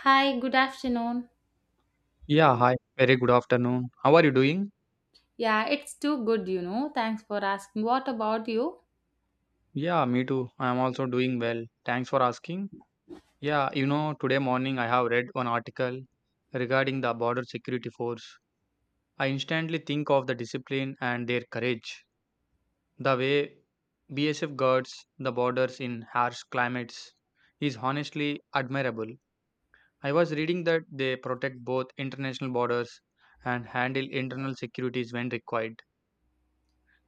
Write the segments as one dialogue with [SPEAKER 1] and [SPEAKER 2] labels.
[SPEAKER 1] Hi, good afternoon.
[SPEAKER 2] Yeah, hi. Very good afternoon. How are you doing?
[SPEAKER 1] Yeah, it's too good, you know. Thanks for asking. What about you?
[SPEAKER 2] Yeah, me too. I am also doing well. Thanks for asking. Yeah, today morning I have read one article regarding the border security force. I instantly think of the discipline and their courage. The way BSF guards the borders in harsh climates is honestly admirable. I was reading that they protect both international borders and handle internal securities when required.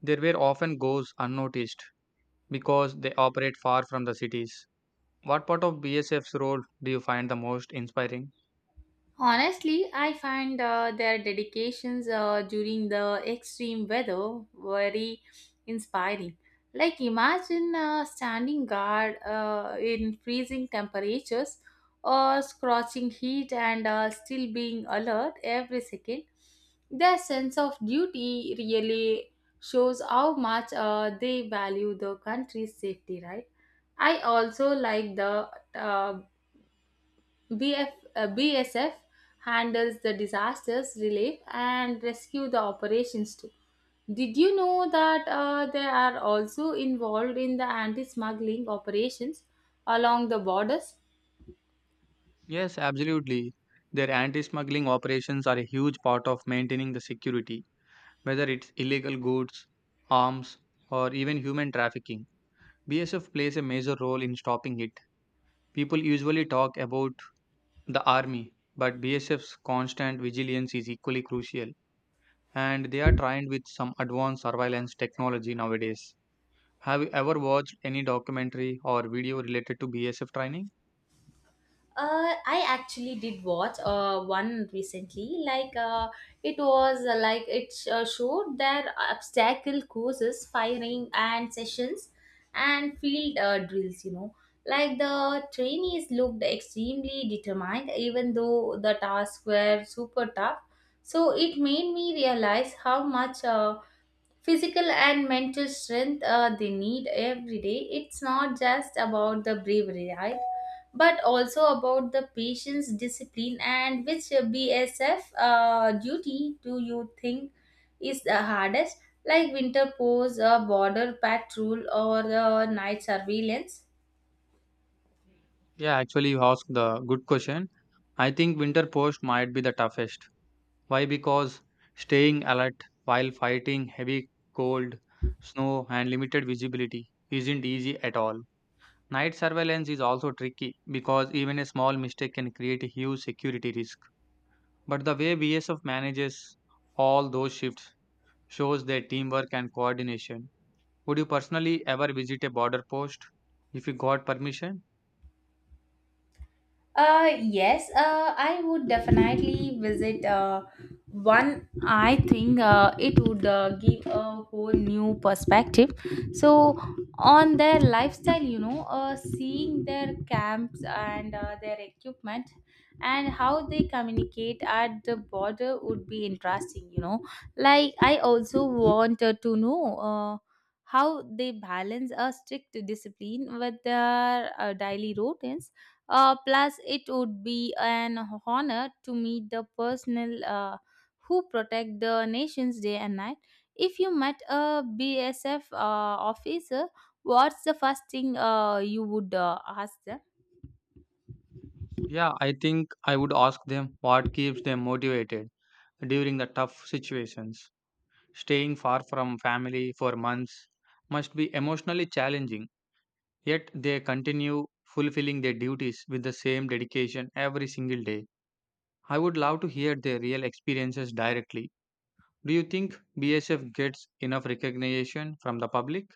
[SPEAKER 2] Their work often goes unnoticed because they operate far from the cities. What part of BSF's role do you find the most inspiring?
[SPEAKER 1] Honestly, I find their dedications during the extreme weather very inspiring. Like, imagine standing guard in freezing temperatures or scorching heat and still being alert every second. Their sense of duty really shows how much they value the country's safety, right? I also like the uh, BF, uh, BSF handles the disasters relief and rescue the operations too. Did you know that they are also involved in the anti smuggling operations along the borders?
[SPEAKER 2] Yes, absolutely. Their anti smuggling operations are a huge part of maintaining the security, whether it's illegal goods, arms, or even human trafficking. BSF plays a major role in stopping it. People usually talk about the army, but BSF's constant vigilance is equally crucial, and they are trained with some advanced surveillance technology nowadays. Have you ever watched any documentary or video related to BSF training?
[SPEAKER 1] I actually did watch one recently. Like it was like it showed their obstacle courses, firing and sessions, and field drills. You know, like the trainees looked extremely determined, even though the tasks were super tough. So it made me realize how much physical and mental strength they need every day. It's not just about the bravery, right, but also about the patience, discipline. And which bsf duty do you think is the hardest, like winter pose border patrol or night surveillance?
[SPEAKER 2] Yeah, actually, you asked the good question. I think winter post might be the toughest. Why? Because staying alert while fighting heavy cold, snow, and limited visibility isn't easy at all. Night surveillance is also tricky because even a small mistake can create a huge security risk. But the way BSF manages all those shifts shows their teamwork and coordination. Would you personally ever visit a border post if you got permission?
[SPEAKER 1] Yes, I would definitely visit one. I think it would give a whole new perspective. So, on their lifestyle, you know, seeing their camps and their equipment and how they communicate at the border would be interesting, you know. Like, I also wanted to know. How they balance a strict discipline with their daily routines. Plus, it would be an honor to meet the personnel who protect the nation's day and night. If you met a BSF officer, what's the first thing you would ask them?
[SPEAKER 2] Yeah, I think I would ask them what keeps them motivated during the tough situations. Staying far from family for months must be emotionally challenging, yet they continue fulfilling their duties with the same dedication every single day. I would love to hear their real experiences directly. Do you think BSF gets enough recognition from the public?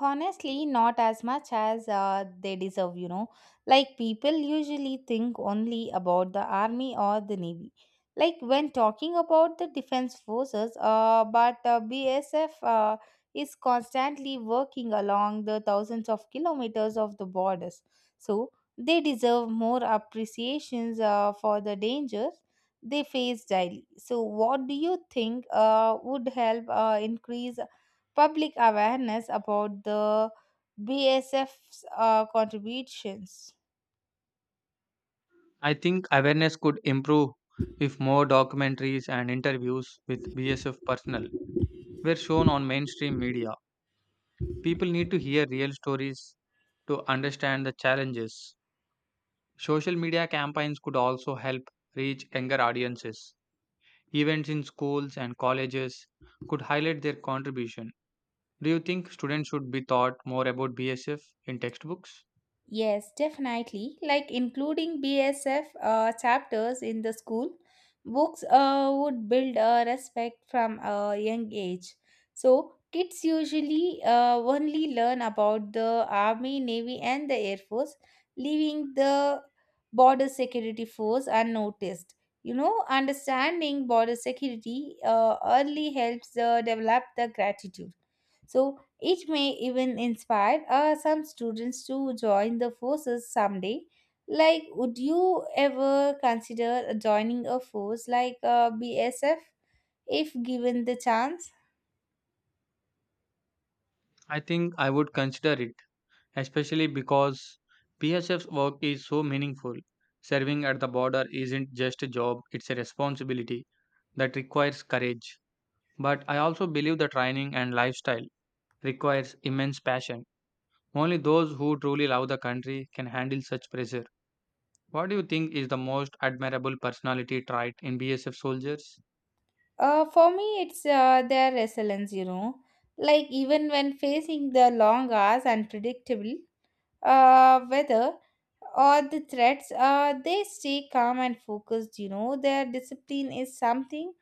[SPEAKER 1] Honestly, not as much as they deserve, you know. Like, people usually think only about the army or the navy. Like, when talking about the defense forces, but BSF is constantly working along the thousands of kilometers of the borders. So, they deserve more appreciations for the dangers they face daily. So, what do you think would help increase public awareness about the BSF's contributions?
[SPEAKER 2] I think awareness could improve if more documentaries and interviews with BSF personnel were shown on mainstream media. People need to hear real stories to understand the challenges. Social media campaigns could also help reach younger audiences. Events in schools and colleges could highlight their contribution. Do you think students should be taught more about BSF in textbooks?
[SPEAKER 1] Yes, definitely. Like including BSF chapters in the school books would build a respect from a young age. So kids usually only learn about the army, navy, and the air force, leaving the border security force unnoticed. You know, understanding border security early helps develop the gratitude, so it may even inspire some students to join the forces someday. Like, would you ever consider joining a force like BSF if given the chance?
[SPEAKER 2] I think I would consider it especially because PSF's work is so meaningful. Serving at the border isn't just a job, it's a responsibility that requires courage. But I also believe the training and lifestyle requires immense passion. Only those who truly love the country can handle such pressure. What do you think is the most admirable personality trait in BSF soldiers?
[SPEAKER 1] For me, it's their resilience, you know. Like, even when facing the long hours and predictable weather or the threats, they stay calm and focused. You know, their discipline is something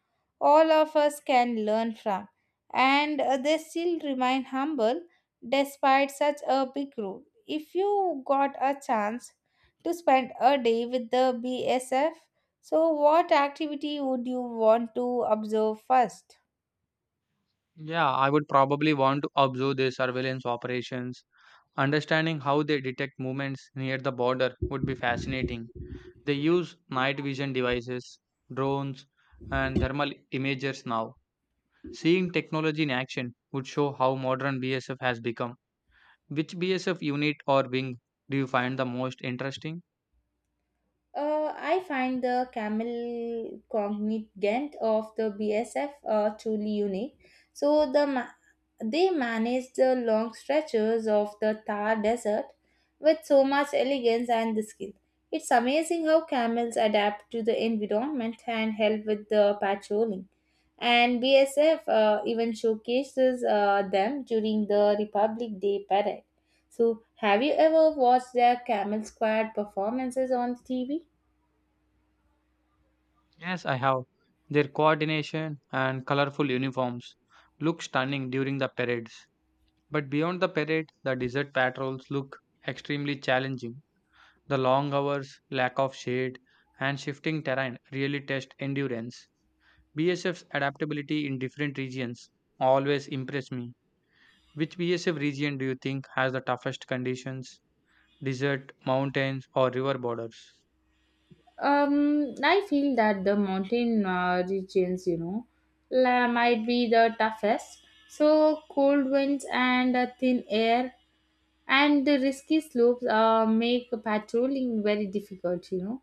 [SPEAKER 1] all of us can learn from, and they still remain humble despite such a big role. If you got a chance to spend a day with the BSF, so what activity would you want to observe first?
[SPEAKER 2] Yeah, I would probably want to observe their surveillance operations. Understanding how they detect movements near the border would be fascinating. They use night vision devices, drones, and thermal imagers now. Seeing technology in action would show how modern BSF has become. Which BSF unit or wing do you find the most interesting?
[SPEAKER 1] I find the camel cognigant of the BSF truly unique. So the ma- they manage the long stretches of the Thar Desert with so much elegance and the skill. It's amazing how camels adapt to the environment and help with the patrolling. And BSF even showcases them during the Republic Day parade. So, have you ever watched their camel squad performances on TV?
[SPEAKER 2] Yes, I have. Their coordination and colorful uniforms look stunning during the parades. But beyond the parade, the desert patrols look extremely challenging. The long hours, lack of shade, and shifting terrain really test endurance. BSF's adaptability in different regions always impressed me. Which BSF region do you think has the toughest conditions? Desert, mountains, or river borders?
[SPEAKER 1] I feel that the mountain regions, you know, might be the toughest. So cold winds and thin air and the risky slopes make patrolling very difficult, you know.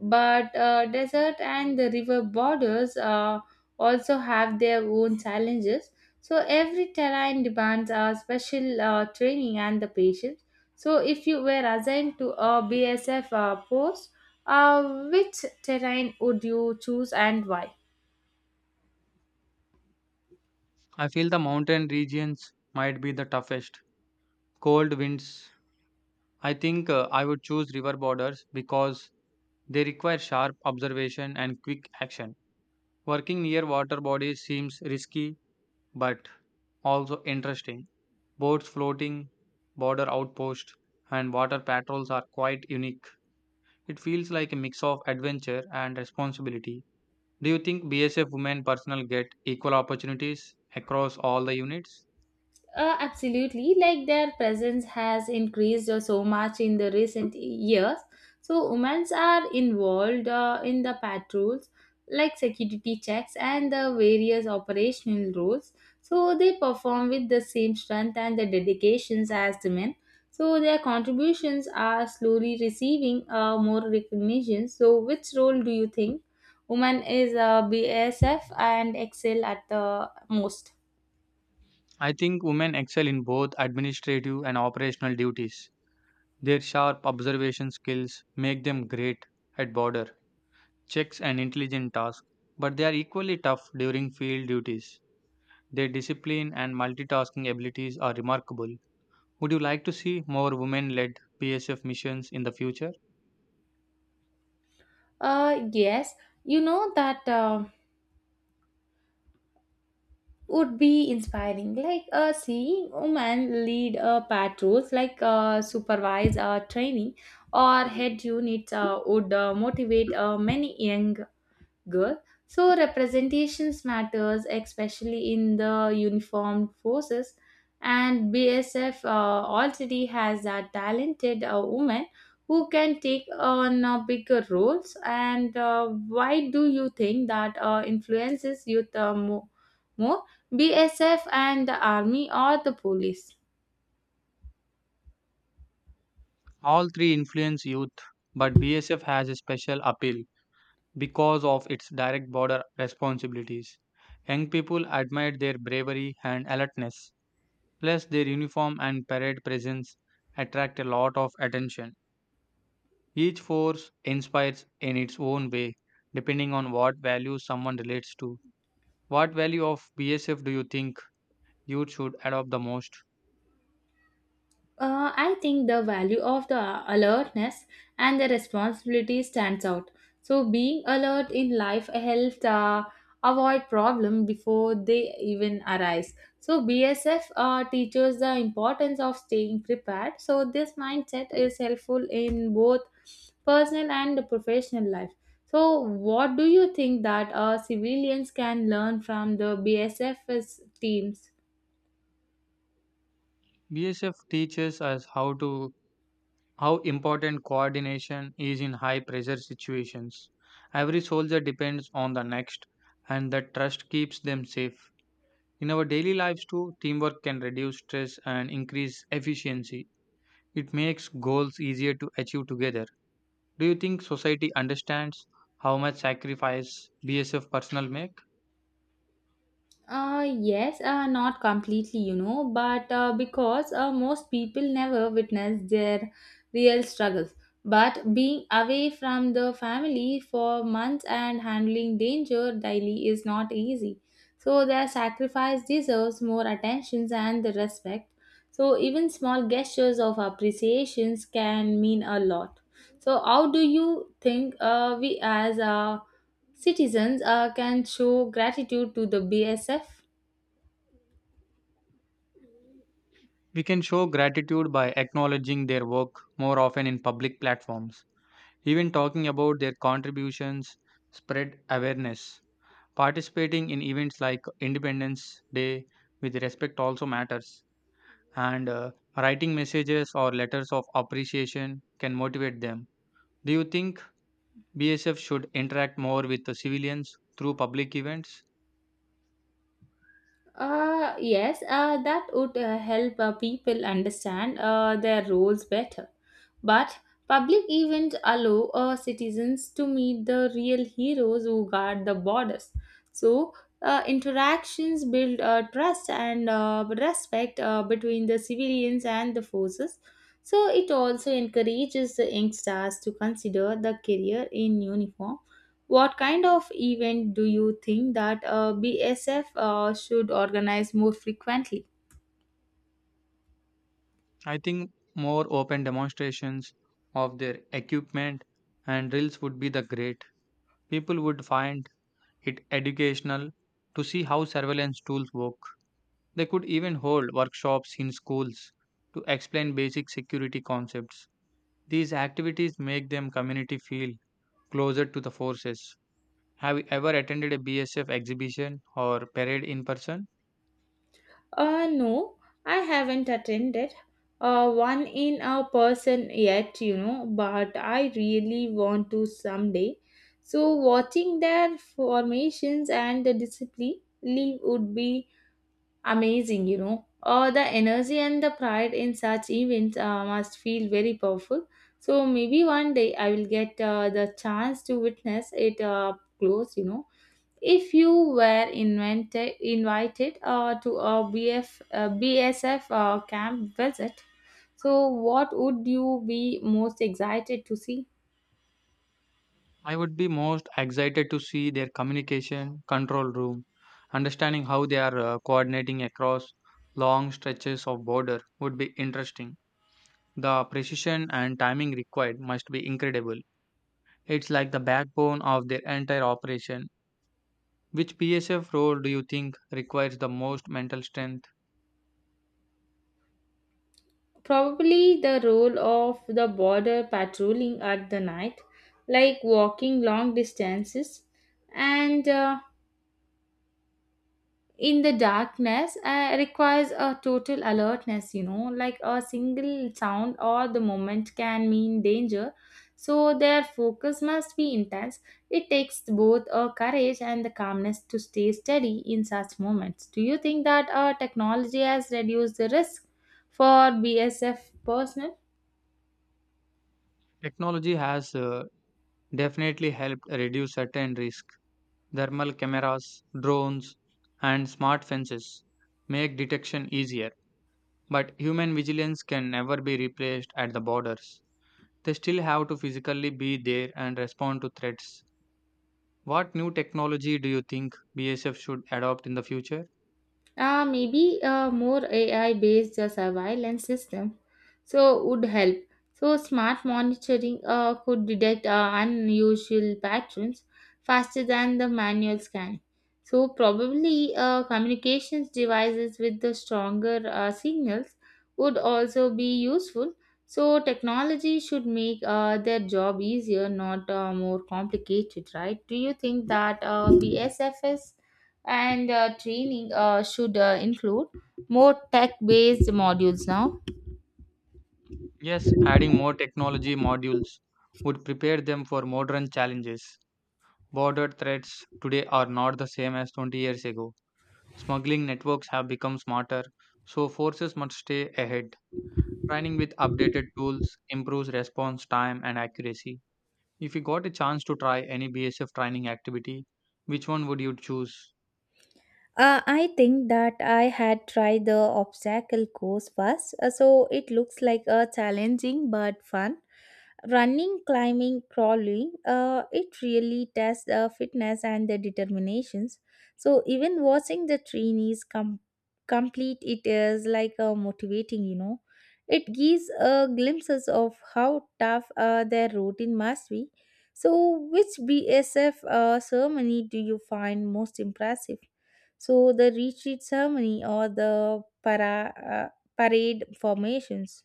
[SPEAKER 1] But desert and the river borders also have their own challenges, so every terrain demands a special training and the patience. So if you were assigned to a bsf post, which terrain would you choose and why?
[SPEAKER 2] I feel the mountain regions might be the toughest. Cold winds. I think I would choose river borders because they require sharp observation and quick action. Working near water bodies seems risky but also interesting. Boats floating, border outposts, and water patrols are quite unique. It feels like a mix of adventure and responsibility. Do you think BSF women personnel get equal opportunities across all the units?
[SPEAKER 1] Absolutely. Like their presence has increased so much in the recent years. So women are involved in the patrols, like security checks and the various operational roles. So they perform with the same strength and the dedications as the men. So their contributions are slowly receiving more recognition. So which role do you think women is BSF and excel at the most?
[SPEAKER 2] I think women excel in both administrative and operational duties. Their sharp observation skills make them great at border checks and intelligent tasks, but they are equally tough during field duties. Their discipline and multitasking abilities are remarkable. Would you like to see more women led BSF missions in the future?
[SPEAKER 1] Yes, you know that would be inspiring. Like seeing women lead patrols, like supervise training or head units, would motivate many young. Good. So representations matters, especially in the uniformed forces, and BSF already has a talented woman who can take on bigger roles. And why do you think that influences youth more? BSF and the army or the police?
[SPEAKER 2] All three influence youth, but BSF has a special appeal because of its direct border responsibilities. Young people admire their bravery and alertness, plus, their uniform and parade presence attract a lot of attention. Each force inspires in its own way, depending on what values someone relates to. What value of BSF do you think youth should adopt the most?
[SPEAKER 1] I think the value of the alertness and the responsibility stands out. So being alert in life helps avoid problem before they even arise. So BSF teaches the importance of staying prepared. So this mindset is helpful in both personal and professional life. So what do you think that civilians can learn from the BSF 's F 's teams?
[SPEAKER 2] BSF teaches us how important coordination is in high pressure situations. Every soldier depends on the next, and that trust keeps them safe. In our daily lives, too, teamwork can reduce stress and increase efficiency. It makes goals easier to achieve together. Do you think society understands how much sacrifice BSF personnel make?
[SPEAKER 1] Yes, not completely, you know, but because most people never witness their real struggles. But being away from the family for months and handling danger daily is not easy. So their sacrifice deserves more attention and the respect. So even small gestures of appreciations can mean a lot. So how do you think we as citizens can show gratitude to the BSF?
[SPEAKER 2] We can show gratitude by acknowledging their work more often in public platforms. Even talking about their contributions spread awareness. Participating in events like Independence Day with respect also matters, and writing messages or letters of appreciation can motivate them. Do you think BSF should interact more with the civilians through public events?
[SPEAKER 1] Yes, that would help people understand their roles better. But public events allow citizens to meet the real heroes who guard the borders. So, interactions build trust and respect between the civilians and the forces. So, it also encourages the youngsters to consider the career in uniform. What kind of event do you think that BSF should organize more frequently?
[SPEAKER 2] I think more open demonstrations of their equipment and drills would be the great. People would find it educational to see how surveillance tools work. They could even hold workshops in schools to explain basic security concepts. These activities make them community feel closer to the forces. Have you ever attended a BSF exhibition or parade in person?
[SPEAKER 1] No, I haven't attended one in a person yet, you know, but I really want to someday. So, watching their formations and the discipline leave would be amazing, you know. The energy and the pride in such events must feel very powerful. So maybe one day I will get the chance to witness it up close, you know. If you were invited to a BSF camp visit, so what would you be most excited to see?
[SPEAKER 2] I would be most excited to see their communication control room, understanding how they are coordinating across long stretches of border would be interesting. The precision and timing required must be incredible. It's like the backbone of their entire operation. Which PSF role do you think requires the most mental strength?
[SPEAKER 1] Probably the role of the border patrolling at the night, like walking long distances and in the darkness requires a total alertness, you know. Like a single sound or the moment can mean danger, so their focus must be intense. It takes both a courage and the calmness to stay steady in such moments. Do you think that technology has reduced the risk for bsf personnel?
[SPEAKER 2] Technology has definitely helped reduce certain risks. Thermal cameras, drones, and smart fences make detection easier, but human vigilance can never be replaced at the borders. They still have to physically be there and respond to threats. What new technology do you think BSF should adopt in the future?
[SPEAKER 1] Maybe a more AI based surveillance system so would help. So smart monitoring could detect unusual patterns faster than the manual scanning. So probably communications devices with the stronger signals would also be useful. So technology should make their job easier, not more complicated, right? Do you think that BSFS and training should include more tech based modules now?
[SPEAKER 2] Yes, adding more technology modules would prepare them for modern challenges. Border threats today are not the same as 20 years ago. Smuggling networks have become smarter, so forces must stay ahead. Training with updated tools improves response time and accuracy. If you got a chance to try any BSF training activity, which one would you choose?
[SPEAKER 1] I think that I had tried the obstacle course first, so it looks like a challenging but fun. Running, climbing, crawling, it really tests the fitness and the determinations. So even watching the trainees complete it is like a motivating, you know. It gives a glimpses of how tough their routine must be. So, which BSF ceremony do you find most impressive? So the retreat ceremony or the parade formations.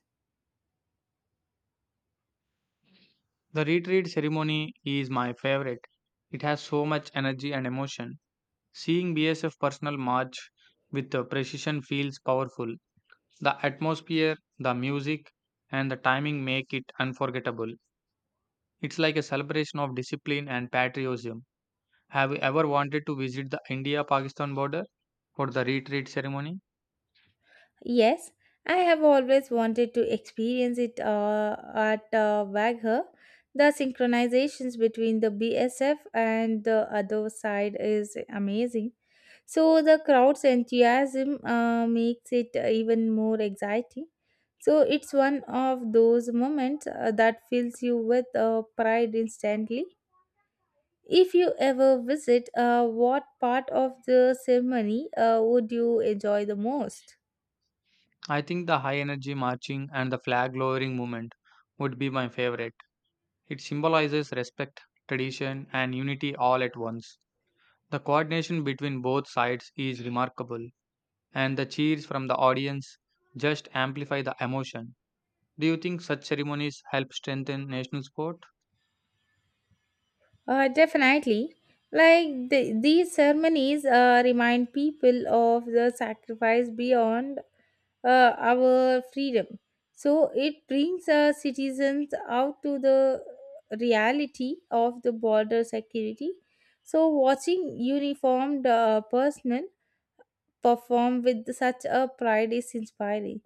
[SPEAKER 2] The retreat ceremony is my favorite. It has so much energy and emotion. Seeing BSF personnel march with the precision feels powerful. The atmosphere, the music, and the timing make it unforgettable. It's like a celebration of discipline and patriotism. Have you ever wanted to visit the India Pakistan border for the retreat ceremony?
[SPEAKER 1] Yes, I have always wanted to experience it at Wagher. The synchronizations between the BSF and the other side is amazing. So the crowd's enthusiasm makes it even more exciting. So it's one of those moments that fills you with pride instantly. If you ever visit, what part of the ceremony would you enjoy the most?
[SPEAKER 2] I think the high energy marching and the flag lowering movement would be my favorite. It symbolizes respect, tradition, and unity all at once. The coordination between both sides is remarkable, and the cheers from the audience just amplify the emotion. Do you think such ceremonies help strengthen national sport?
[SPEAKER 1] Definitely. Like the, these ceremonies remind people of the sacrifice beyond our freedom. So it brings citizens out to the reality of the border security. So watching uniformed personnel perform with such a pride is inspiring.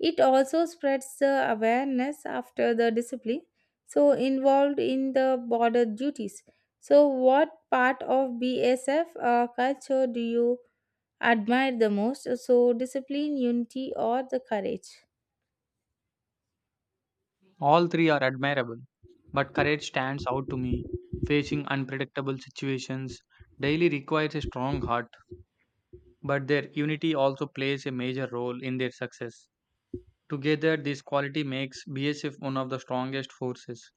[SPEAKER 1] It also spreads the awareness after the discipline, so involved in the border duties. So, what part of BSF culture do you admire the most? So, discipline, unity, or the courage?
[SPEAKER 2] All three are admirable, but courage stands out to me. Facing unpredictable situations daily requires a strong heart, but their unity also plays a major role in their success. Together, this quality makes BSF one of the strongest forces.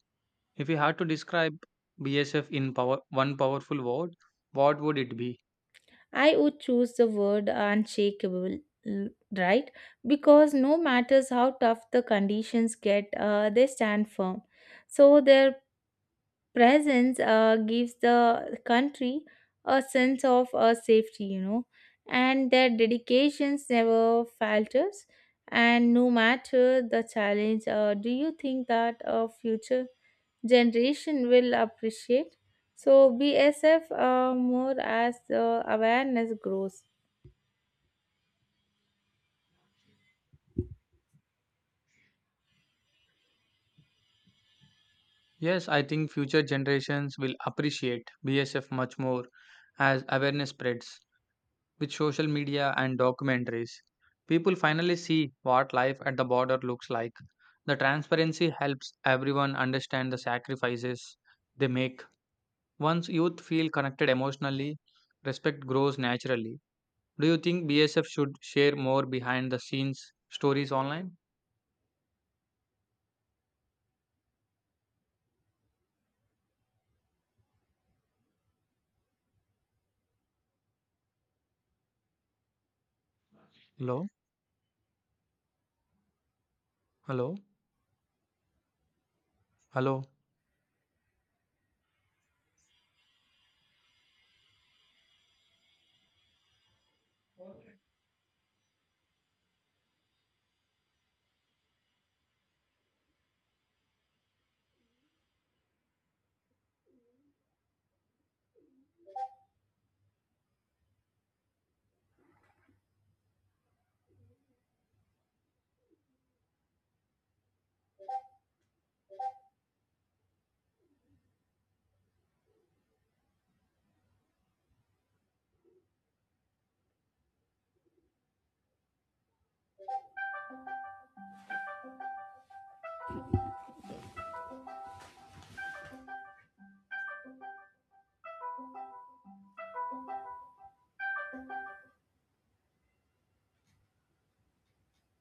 [SPEAKER 2] If you had to describe BSF in power, one powerful word, what would it be?
[SPEAKER 1] I would choose the word unshakable, l- right? Because no matters how tough the conditions get, they stand firm. So, their presence gives the country a sense of safety, you know, and their dedications never falters, and no matter the challenge, do you think that a future generation will appreciate so bsf more as the awareness grows?
[SPEAKER 2] Yes, I think future generations will appreciate BSF much more as awareness spreads. With social media and documentaries, people finally see what life at the border looks like. The transparency helps everyone understand the sacrifices they make. Once youth feel connected emotionally, respect grows naturally. Do you think BSF should share more behind the scenes stories online? Hello? Hello? Hello?